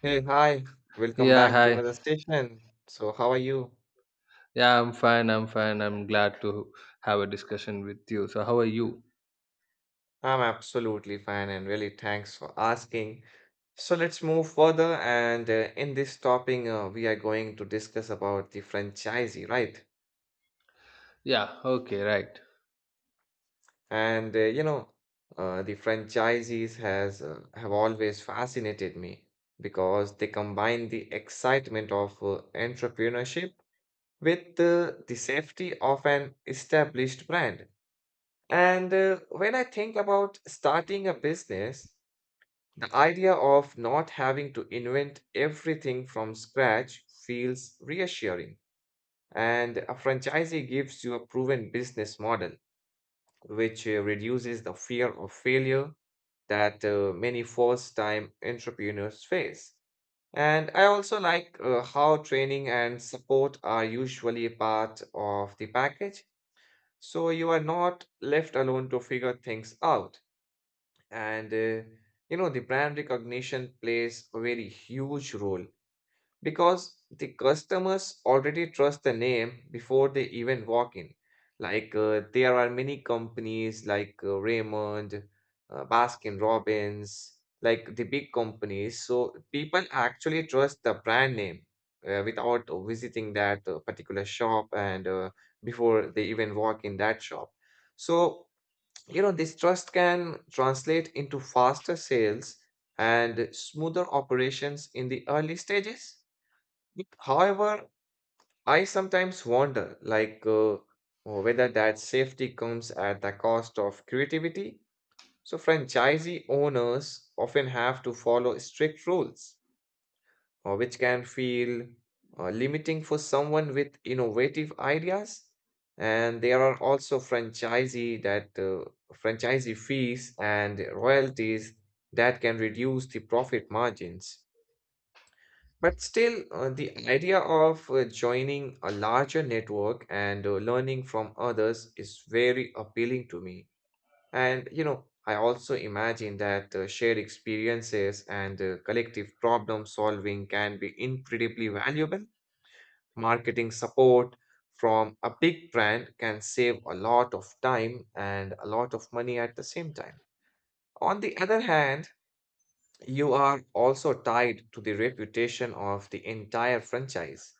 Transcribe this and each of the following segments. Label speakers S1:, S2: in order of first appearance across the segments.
S1: Hey, hi. Welcome
S2: Yeah,
S1: back to
S2: hi.
S1: another session. So, how are you?
S2: Yeah, I'm fine. I'm fine. I'm glad to have a discussion with you. So, how are you?
S1: I'm absolutely fine and really thanks for asking. So, let's move further. And in this topic, we are going to discuss about the franchisee, right?
S2: Yeah, okay, right.
S1: And uh, you know, the franchisees has have always fascinated me because they combine the excitement of entrepreneurship with the safety of an established brand. And when I think about starting a business, the idea of not having to invent everything from scratch feels reassuring. And a franchisee gives you a proven business model, which reduces the fear of failure that many first time entrepreneurs face. And I also like how training and support are usually a part of the package. So you are not left alone to figure things out. And You know, the brand recognition plays a very huge role because the customers already trust the name before they even walk in, like there are many companies like Raymond, Baskin Robbins, like the big companies, so people actually trust the brand name without visiting that particular shop and before they even walk in that shop. So you know, this trust can translate into faster sales and smoother operations in the early stages. However, I sometimes wonder, like, whether that safety comes at the cost of creativity. So, franchisee owners often have to follow strict rules, which can feel limiting for someone with innovative ideas. And there are also franchisee fees and royalties that can reduce the profit margins. But still, the idea of joining a larger network and learning from others is very appealing to me. And you know, I also imagine that shared experiences and collective problem solving can be incredibly valuable. Marketing support from a big brand can save a lot of time and a lot of money at the same time. On the other hand, you are also tied to the reputation of the entire franchise,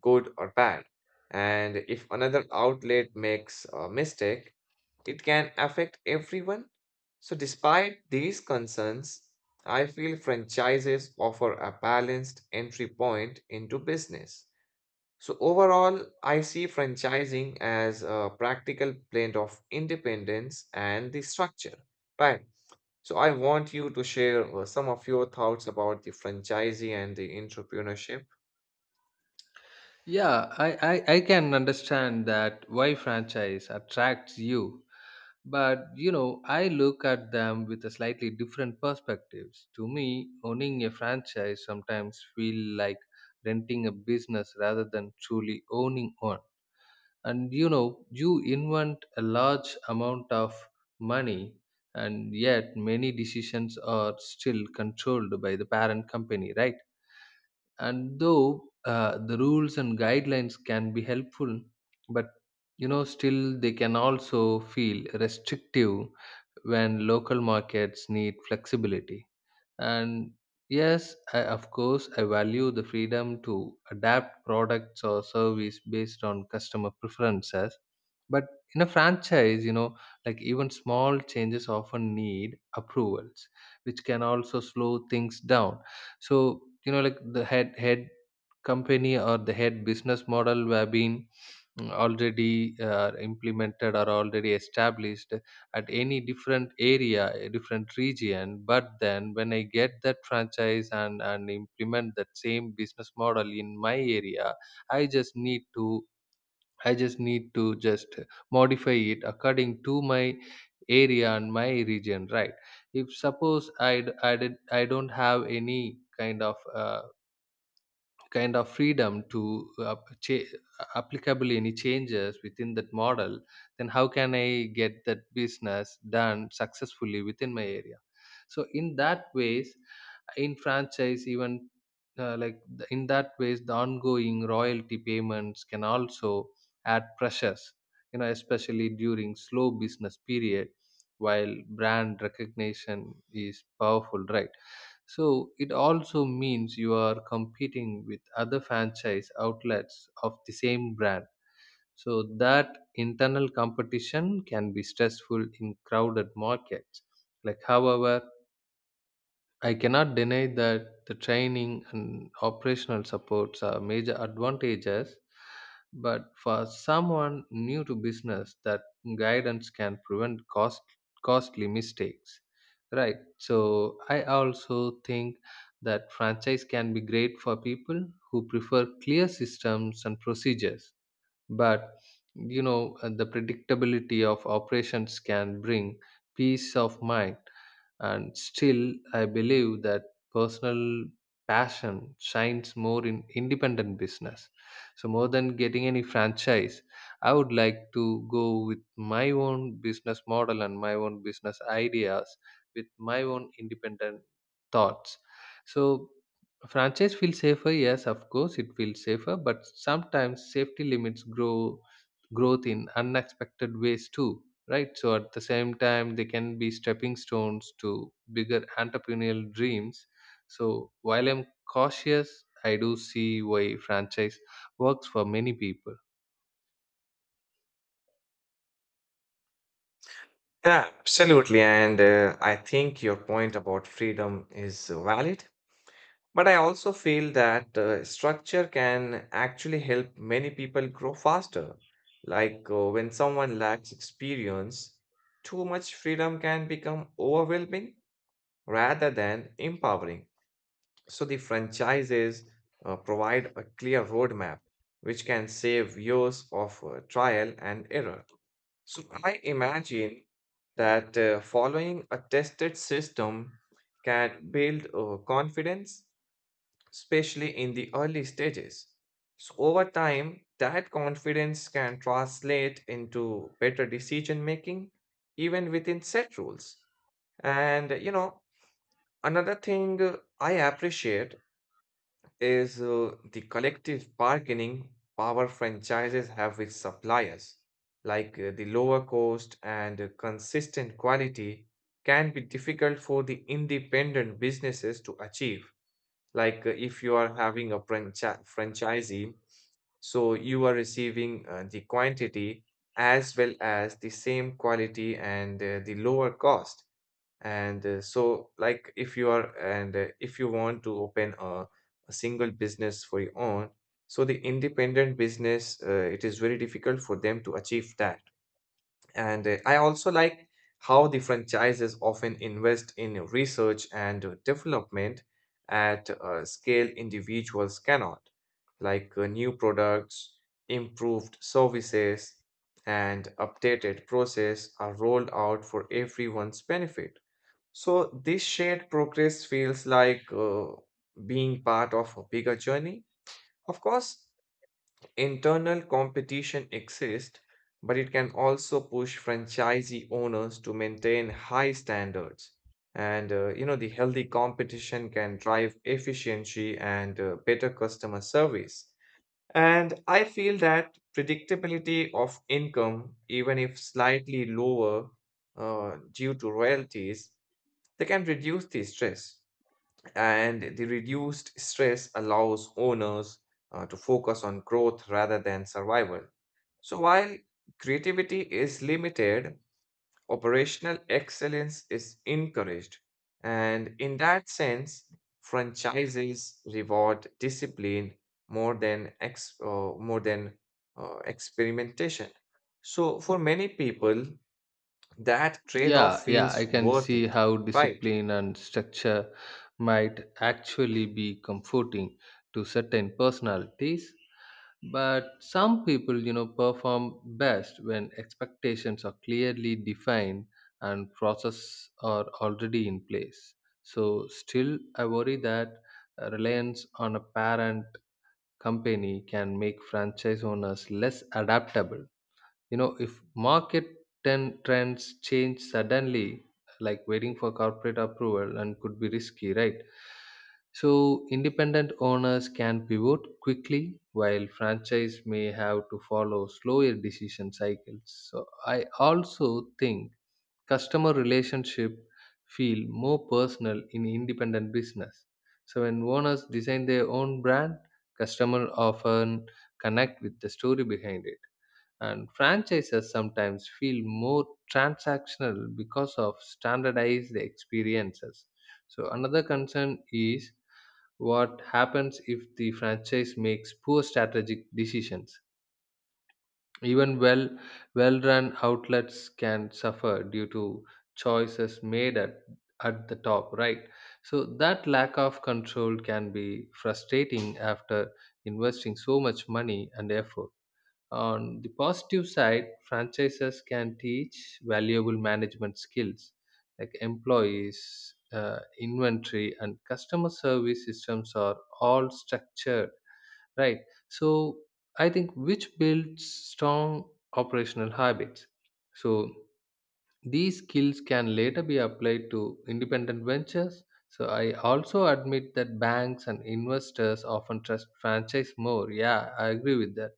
S1: good or bad. And if another outlet makes a mistake, it can affect everyone. So, despite these concerns, I feel franchises offer a balanced entry point into business. So, overall, I see franchising as a practical blend of independence and the structure. Right. So, I want you to share some of your thoughts about the franchisee and the entrepreneurship.
S2: Yeah, I can understand that why franchise attracts you, but you know, I look at them with a slightly different perspectives. To me, owning a franchise sometimes feel like renting a business rather than truly owning one. And you know, you invent a large amount of money, and yet many decisions are still controlled by the parent company, right? And though the rules and guidelines can be helpful, but you know, still they can also feel restrictive when local markets need flexibility. And yes, I, of course, I value the freedom to adapt products or service based on customer preferences. But in a franchise, you know, like even small changes often need approvals, which can also slow things down. So, you know, like the head company or the head business model have been already implemented or already established at any different area, a different region, but then when I get that franchise and implement that same business model in my area, i just need to I just need to just modify it according to my area and my region, right? If suppose I d- I, did, I don't have any kind of freedom to cha- applicable any changes within that model, then how can I get that business done successfully within my area? So in that ways, in franchise, even in that ways the ongoing royalty payments can also add pressures, you know, especially during slow business period. While brand recognition is powerful, right? So it also means you are competing with other franchise outlets of the same brand, so that internal competition can be stressful in crowded markets. Like, however, I cannot deny that the training and operational supports are major advantages, but for someone new to business, that guidance can prevent costly mistakes. Right. So I also think that franchise can be great for people who prefer clear systems and procedures, but you know, the predictability of operations can bring peace of mind. And still I believe that personal passion shines more in independent business. So more than getting any franchise, I would like to go with my own business model and my own business ideas with my own independent thoughts. So franchise feels safer, yes, of course it feels safer, but sometimes safety limits growth in unexpected ways too, right? So at the same time, they can be stepping stones to bigger entrepreneurial dreams. So while I'm cautious, I do see why franchise works for many people.
S1: Yeah, absolutely. And I think your point about freedom is valid. But I also feel that structure can actually help many people grow faster. Like when someone lacks experience, too much freedom can become overwhelming rather than empowering. So the franchises provide a clear roadmap, which can save years of trial and error. So I imagine that following a tested system can build confidence, especially in the early stages. So, over time, that confidence can translate into better decision making, even within set rules. And, you know, another thing I appreciate is the collective bargaining power franchises have with suppliers. Like the lower cost and consistent quality can be difficult for the independent businesses to achieve. Like if you are having a franchisee, so you are receiving the quantity as well as the same quality and the lower cost. And so, like if you are and if you want to open a single business for your own, so the independent business, it is very difficult for them to achieve that. And I also like how the franchises often invest in research and development at a scale individuals cannot, like new products, improved services, and updated process are rolled out for everyone's benefit. So this shared progress feels like being part of a bigger journey. Of course, internal competition exists, but it can also push franchisee owners to maintain high standards. And you know, the healthy competition can drive efficiency and better customer service. And I feel that predictability of income, even if slightly lower due to royalties, they can reduce the stress, and the reduced stress allows owners to focus on growth rather than survival. So, while creativity is limited, operational excellence is encouraged. And in that sense, franchises reward discipline more than experimentation. So, for many people, that trade off
S2: Yeah, yeah, I
S1: feels
S2: can
S1: worth
S2: see
S1: it,
S2: how
S1: right?
S2: discipline and structure might actually be comforting to certain personalities. But some people, you know, perform best when expectations are clearly defined and process are already in place. So still I worry that reliance on a parent company can make franchise owners less adaptable. You know, if market ten trends change suddenly, like waiting for corporate approval and could be risky, right? So independent owners can pivot quickly, while franchise may have to follow slower decision cycles. So I also think customer relationship feel more personal in independent business. So when owners design their own brand, customer often connect with the story behind it, and franchises sometimes feel more transactional because of standardized experiences. So, another concern is what happens if the franchise makes poor strategic decisions. Even well run outlets can suffer due to choices made at the top, right? So, that lack of control can be frustrating after investing so much money and effort. On the positive side, franchises can teach valuable management skills, like employees, inventory, and customer service systems are all structured, right? So I think, which builds strong operational habits. So these skills can later be applied to independent ventures. So I also admit that banks and investors often trust franchise more. Yeah, I agree with that.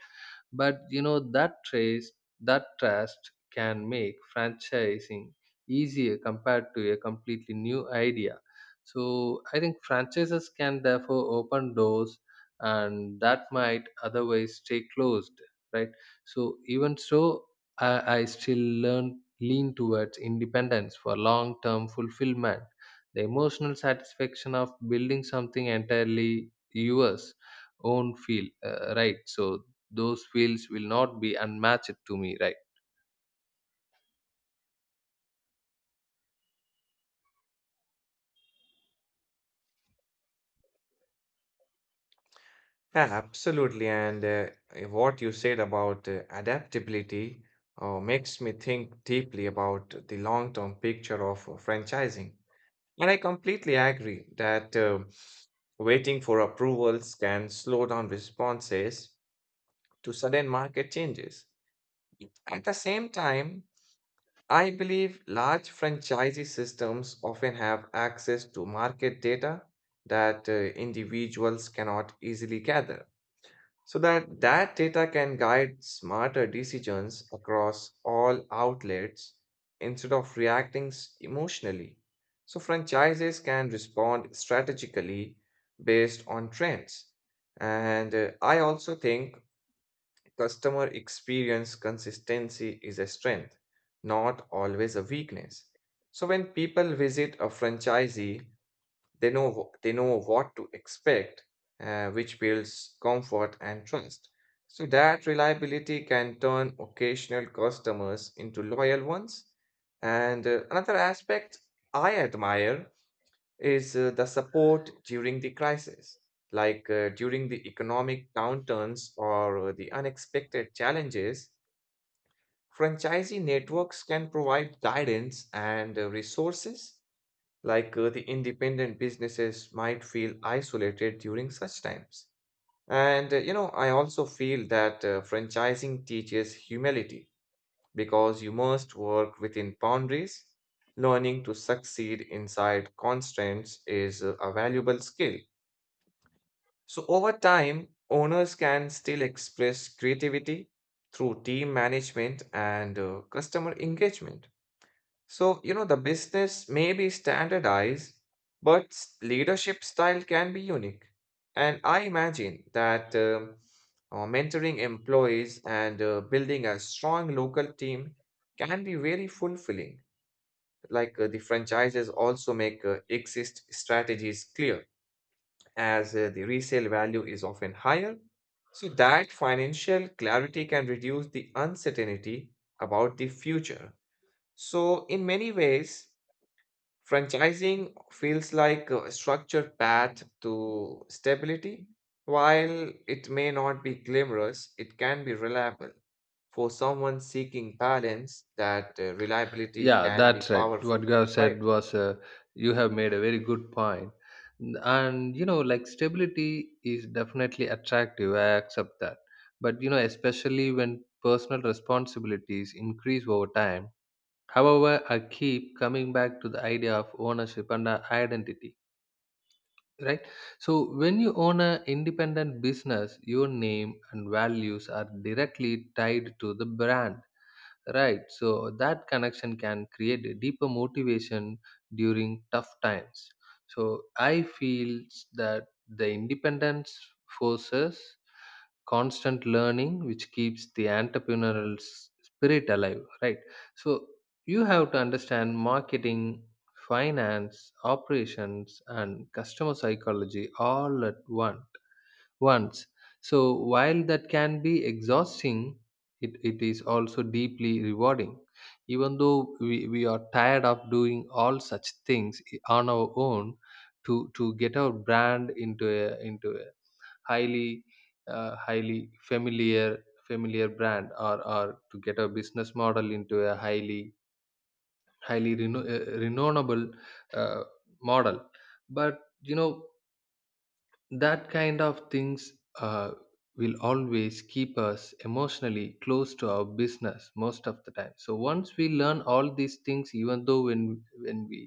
S2: But you know, that trace that trust can make franchising easier compared to a completely new idea. So I think franchises can therefore open doors and that might otherwise stay closed, right? So even so, I still lean towards independence for long term fulfillment. The emotional satisfaction of building something entirely yours, own feel, right? So those fields will not be unmatched to me, right?
S1: Yeah, absolutely. What you said about adaptability makes me think deeply about the long-term picture of franchising. And I completely agree that waiting for approvals can slow down responses to sudden market changes. At the same time, I believe large franchisee systems often have access to market data that individuals cannot easily gather, so that data can guide smarter decisions across all outlets instead of reacting emotionally. So franchises can respond strategically based on trends. And I also think customer experience consistency is a strength, not always a weakness. So when people visit a franchisee, they know what to expect, which builds comfort and trust. So that reliability can turn occasional customers into loyal ones. And another aspect I admire is the support during the crisis, like during the economic downturns or the unexpected challenges. Franchisee networks can provide guidance and resources, like the independent businesses might feel isolated during such times. And you know, I also feel that franchising teaches humility because you must work within boundaries. Learning to succeed inside constraints is a valuable skill. So, over time, owners can still express creativity through team management and customer engagement. So, you know, the business may be standardized, but leadership style can be unique. And I imagine that mentoring employees and building a strong local team can be very fulfilling. Like the franchises also make exit strategies clear, as the resale value is often higher. So, that financial clarity can reduce the uncertainty about the future. So, in many ways, franchising feels like a structured path to stability. While it may not be glamorous, it can be reliable. For someone seeking balance, that reliability
S2: Yeah,
S1: can be
S2: that's right. What
S1: powerful,
S2: you have said
S1: right?
S2: was you have made a very good point. And you know, like stability is definitely attractive. I accept that. But you know, especially when personal responsibilities increase over time. However, I keep coming back to the idea of ownership and identity, right? So, when you own an independent business, your name and values are directly tied to the brand. Right. So that connection can create a deeper motivation during tough times. So I feel that the independence forces constant learning, which keeps the entrepreneurial spirit alive. Right. So you have to understand marketing, finance, operations, and customer psychology all at once once. So while that can be exhausting, it is also deeply rewarding. Even though we are tired of doing all such things on our own to get our brand into a highly highly familiar brand, or to get our business model into a highly renownable uh, model. But you know, that kind of things uh, will always keep us emotionally close to our business most of the time. So once we learn all these things, even though when we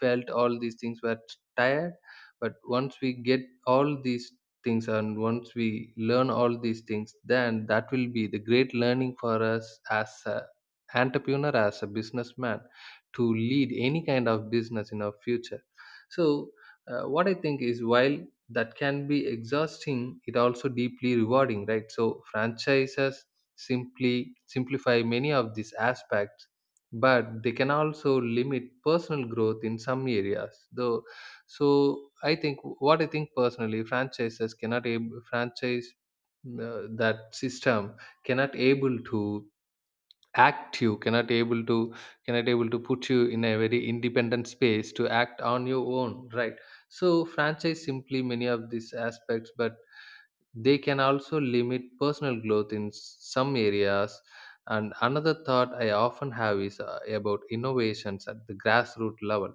S2: felt all these things were tired, but once we get all these things and once we learn all these things, then that will be the great learning for us as a entrepreneur, as a businessman, to lead any kind of business in our future. So what I think is while that can be exhausting, it also deeply rewarding, right? So franchises simply simplify many of these aspects, but they can also limit personal growth in some areas though. So I think, what I think personally, franchises cannot ab- franchise, that system cannot able to Act you cannot able to, put you in a very independent space to act on your own, right? So franchise simply many of these aspects, but they can also limit personal growth in some areas. And another thought I often have is about innovations at the grassroots level.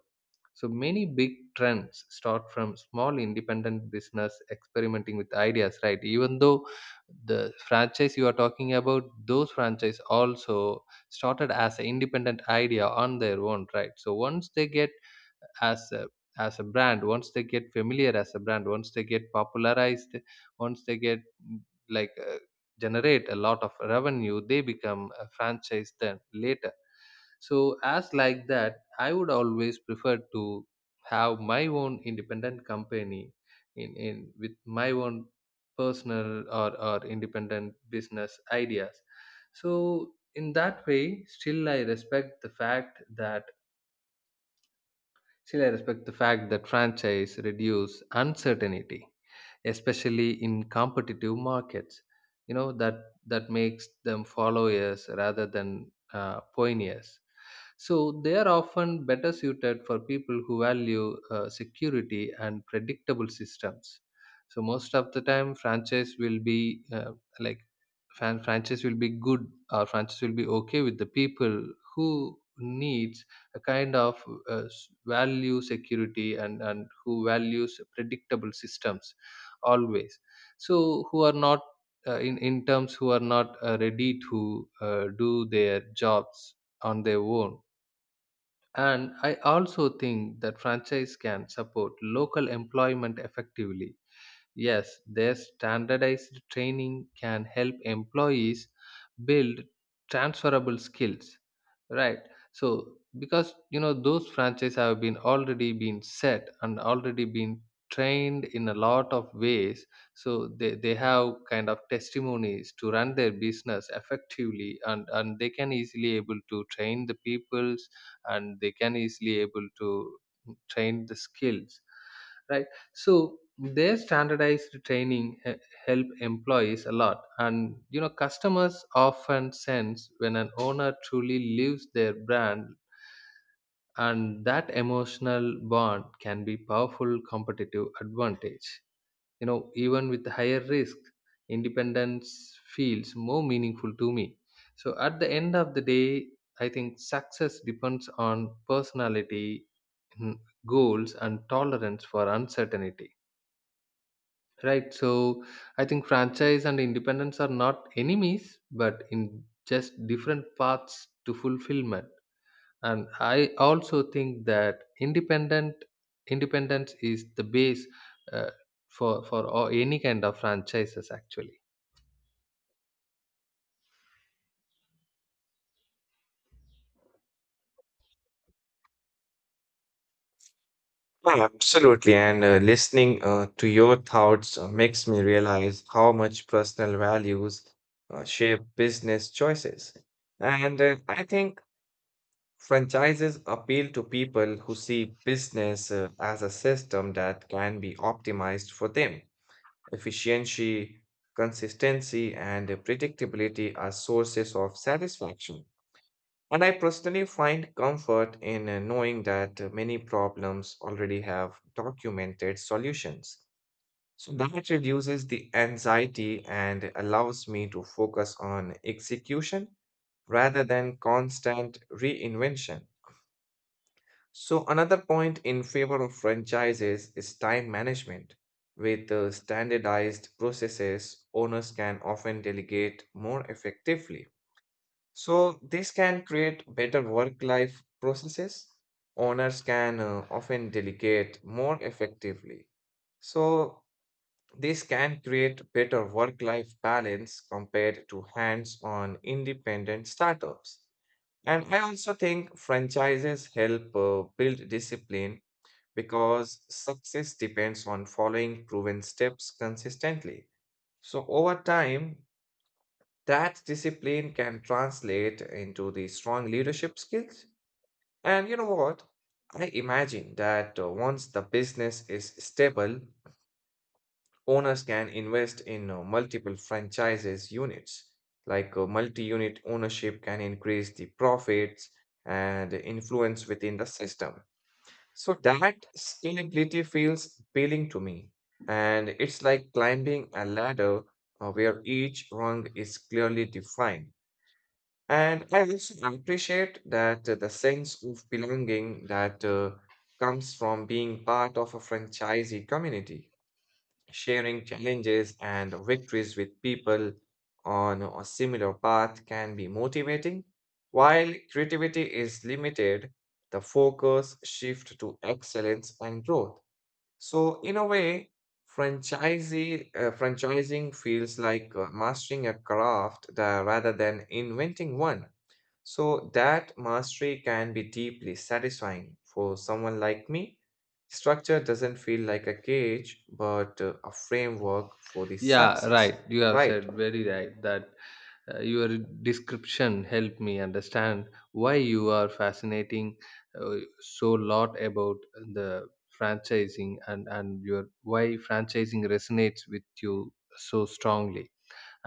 S2: So many big trends start from small independent business experimenting with ideas, right? Even though the franchise you are talking about, those franchise also started as an independent idea on their own, right? So once they get as a as a brand, once they get familiar as a brand, once they get popularized, once they get mm, like uh, generate a lot of revenue, they become a franchise then later. So as like that, I would always prefer to have my own independent company in with my own personal, or independent business ideas. So in that way, still I respect the fact that franchise reduce uncertainty, especially in competitive markets. You know, that makes them follow us rather than pioneers. So they are often better suited for people who value security and predictable systems. So most of the time, franchise will be like franchise will be good, or franchise will be okay with the people who needs a kind of value security and who values predictable systems always. So who are not in in terms who are not ready to do their jobs on their own. And I also think that franchise can support local employment effectively. Yes, their standardized training can help employees build transferable skills. Right. So because you know, those franchises have been already been set and already been trained in a lot of ways. So they have kind of testimonies to run their business effectively, and they can easily able to train the peoples, and they can easily able to train the skills, right? So their standardized training help employees a lot. And you know, customers often sense when an owner truly lives their brand, and that emotional bond can be powerful competitive advantage. You know, even with higher risk, independence feels more meaningful to me. So at the end of the day, I think success depends on personality, mm, goals, and tolerance for uncertainty. Right, so I think franchise and independence are not enemies, but in just different paths to fulfillment. And I also think that independent independence is the base uh, for all, any kind of franchises actually.
S1: Yeah, absolutely. And listening to your thoughts makes me realize how much personal values shape business choices. And I think franchises appeal to people who see business as a system that can be optimized for them. Efficiency, consistency, and predictability are sources of satisfaction. And I personally find comfort in knowing that many problems already have documented solutions. So that reduces the anxiety and allows me to focus on execution rather than constant reinvention. So, another point in favor of franchises is time management. With standardized processes, owners can often delegate more effectively. So, this can create better work life processes. Owners can often delegate more effectively. So, this can create better work life balance compared to hands on independent startups. And I also think franchises help build discipline because success depends on following proven steps consistently. So, over time, that discipline can translate into the strong leadership skills. And you know what? I imagine that once the business is stable, owners can invest in multiple franchises units. Like multi unit ownership can increase the profits and influence within the system. So that scalability feels appealing to me. And it's like climbing a ladder where each rung is clearly defined. And I also appreciate that the sense of belonging that comes from being part of a franchisee community. Sharing challenges and victories with people on a similar path can be motivating. While creativity is limited, the focus shifts to excellence and growth. So, in a way, franchising feels like mastering a craft rather than inventing one. So that mastery can be deeply satisfying for someone like me. Structure doesn't feel like a cage, but a framework for the
S2: Yeah, right.
S1: success,
S2: You have said
S1: right?
S2: very right that your description helped me understand why you are fascinating so lot about the franchising and your why franchising resonates with you so strongly.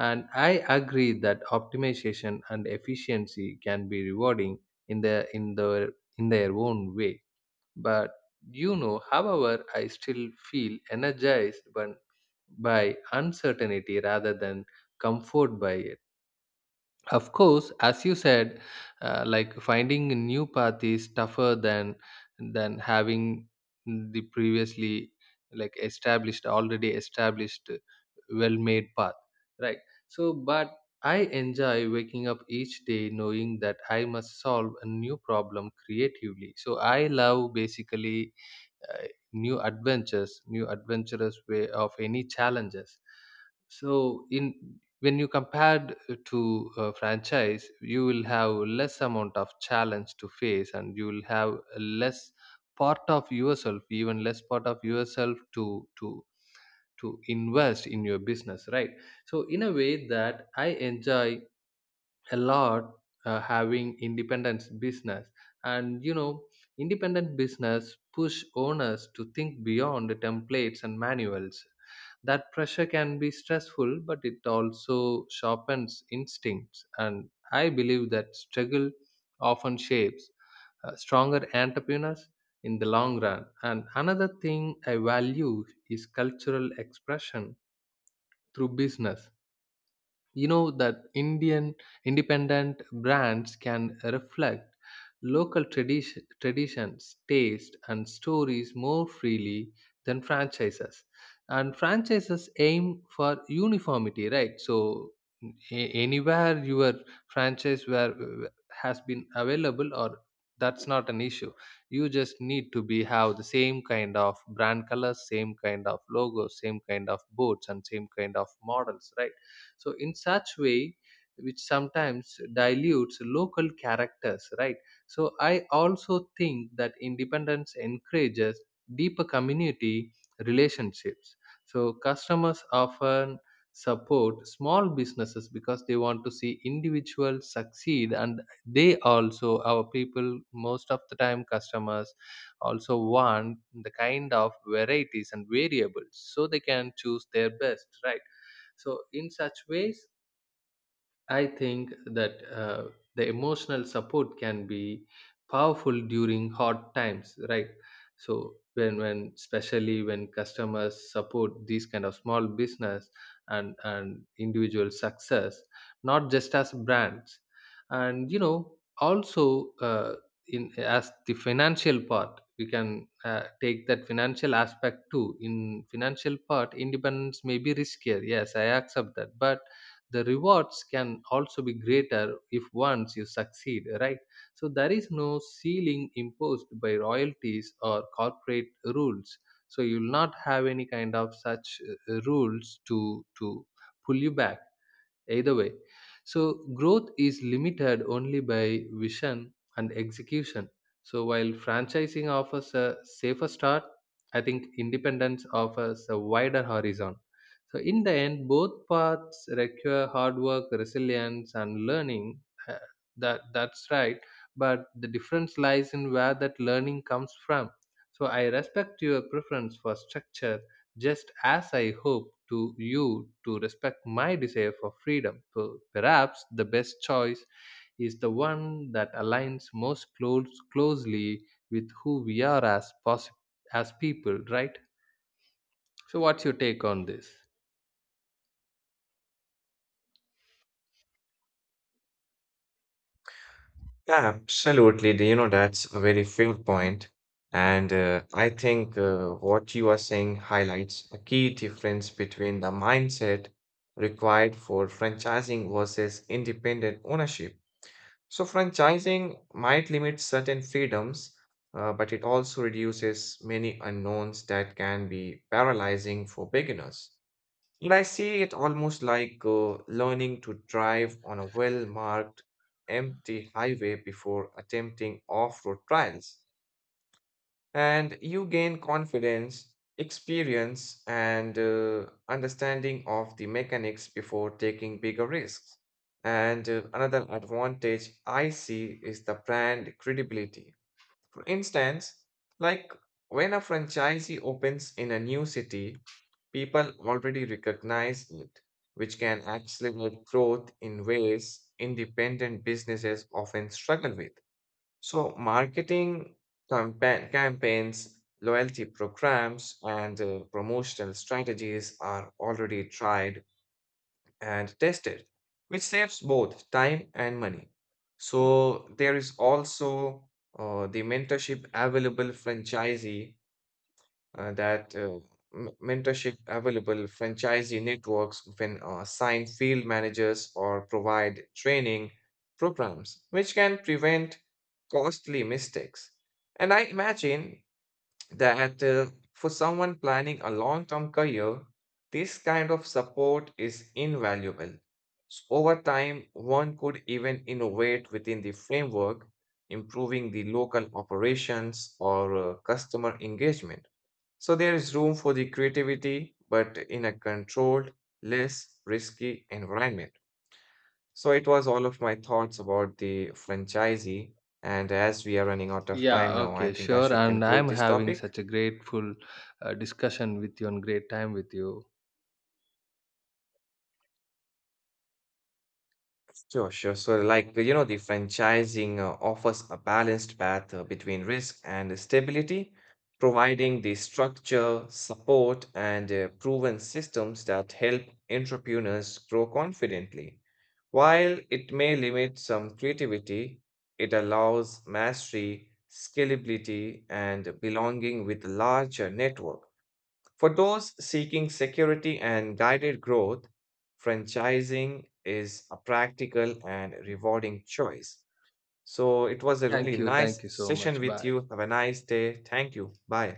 S2: And I agree that optimization and efficiency can be rewarding in the in their own way, but you know, however, I still feel energized by uncertainty rather than comfort by it. Of course, as you said, like finding a new path is tougher than having the previously, like established, already established, well-made path, right? So, but I enjoy waking up each day knowing that I must solve a new problem creatively. So I love basically uh, new adventures, new adventurous way of any challenges. So in, when you compared to a franchise, you will have less amount of challenge to face, and you will have less part of yourself, even less part of yourself to invest in your business, right? So in a way that I enjoy a lot having independence business. And you know, independent business push owners to think beyond the templates and manuals. That pressure can be stressful, but it also sharpens instincts, and I believe that struggle often shapes stronger entrepreneurs in the long run. And another thing I value is cultural expression through business. You know that Indian independent brands can reflect local tradition, traditions, taste and stories more freely than franchises. And franchises aim for uniformity, right? So anywhere your franchise where has been available or that's not an issue. You just need to be have the same kind of brand colors, same kind of logos, same kind of boats and same kind of models, right? So in such way, which sometimes dilutes local characters, right? So I also think that independence encourages deeper community relationships. So customers often support small businesses because they want to see individuals succeed, and they also our people. Most of the time customers also want the kind of varieties and variables so they can choose their best, right? So in such ways, I think that the emotional support can be powerful during hard times, right? So when especially when customers support these kind of small business and individual success, not just as brands. And you know, also in as the financial part, we can take that financial aspect too. In financial part, independence may be riskier, yes, I accept that, but the rewards can also be greater if once you succeed, right? So there is no ceiling imposed by royalties or corporate rules. So you'll not have any kind of such rules to pull you back either way. So, growth is limited only by vision and execution. So, while franchising offers a safer start, I think independence offers a wider horizon. So, in the end, both paths require hard work, resilience, and learning. Uh, that's right, but the difference lies in where that learning comes from. So, I respect your preference for structure just as I hope to you to respect my desire for freedom. Perhaps the best choice is the one that aligns most closely with who we are as people, right? So, what's your take on this?
S1: Absolutely. Do you know, that's a very fair point. And I think what you are saying highlights a key difference between the mindset required for franchising versus independent ownership. So, franchising might limit certain freedoms, but it also reduces many unknowns that can be paralyzing for beginners. And I see it almost like learning to drive on a well marked, empty highway before attempting off road trials, and you gain confidence, experience, and understanding of the mechanics before taking bigger risks. And another advantage I see is the brand credibility. For instance, like when a franchisee opens in a new city, people already recognize it, which can accelerate growth in ways independent businesses often struggle with. So, marketing campaigns, loyalty programs, and promotional strategies are already tried and tested, which saves both time and money. So, there is also the mentorship available franchisee that m- mentorship available franchisee networks can assign field managers or provide training programs, which can prevent costly mistakes. And I imagine that for someone planning a long term career, this kind of support is invaluable. So over time, one could even innovate within the framework, improving the local operations or customer engagement. So there is room for the creativity, but in a controlled, less risky environment. So it was all of my thoughts about the franchisee. And as we are running out of time
S2: Yeah,
S1: now, I
S2: okay,
S1: think I
S2: sure.
S1: should
S2: And
S1: conclude
S2: I'm
S1: this
S2: having
S1: topic.
S2: such a grateful discussion with you and great time with you.
S1: Sure, sure. So, like, you know, the franchising offers a balanced path between risk and stability, providing the structure, support, and proven systems that help entrepreneurs grow confidently. While it may limit some creativity, it allows mastery, scalability, and belonging with larger network. For those seeking security and guided growth, franchising is a practical and rewarding choice. So it was a
S2: Thank
S1: really
S2: you.
S1: nice
S2: Thank you so
S1: session
S2: much.
S1: with
S2: Bye.
S1: you. Have a nice day. Thank you. Bye.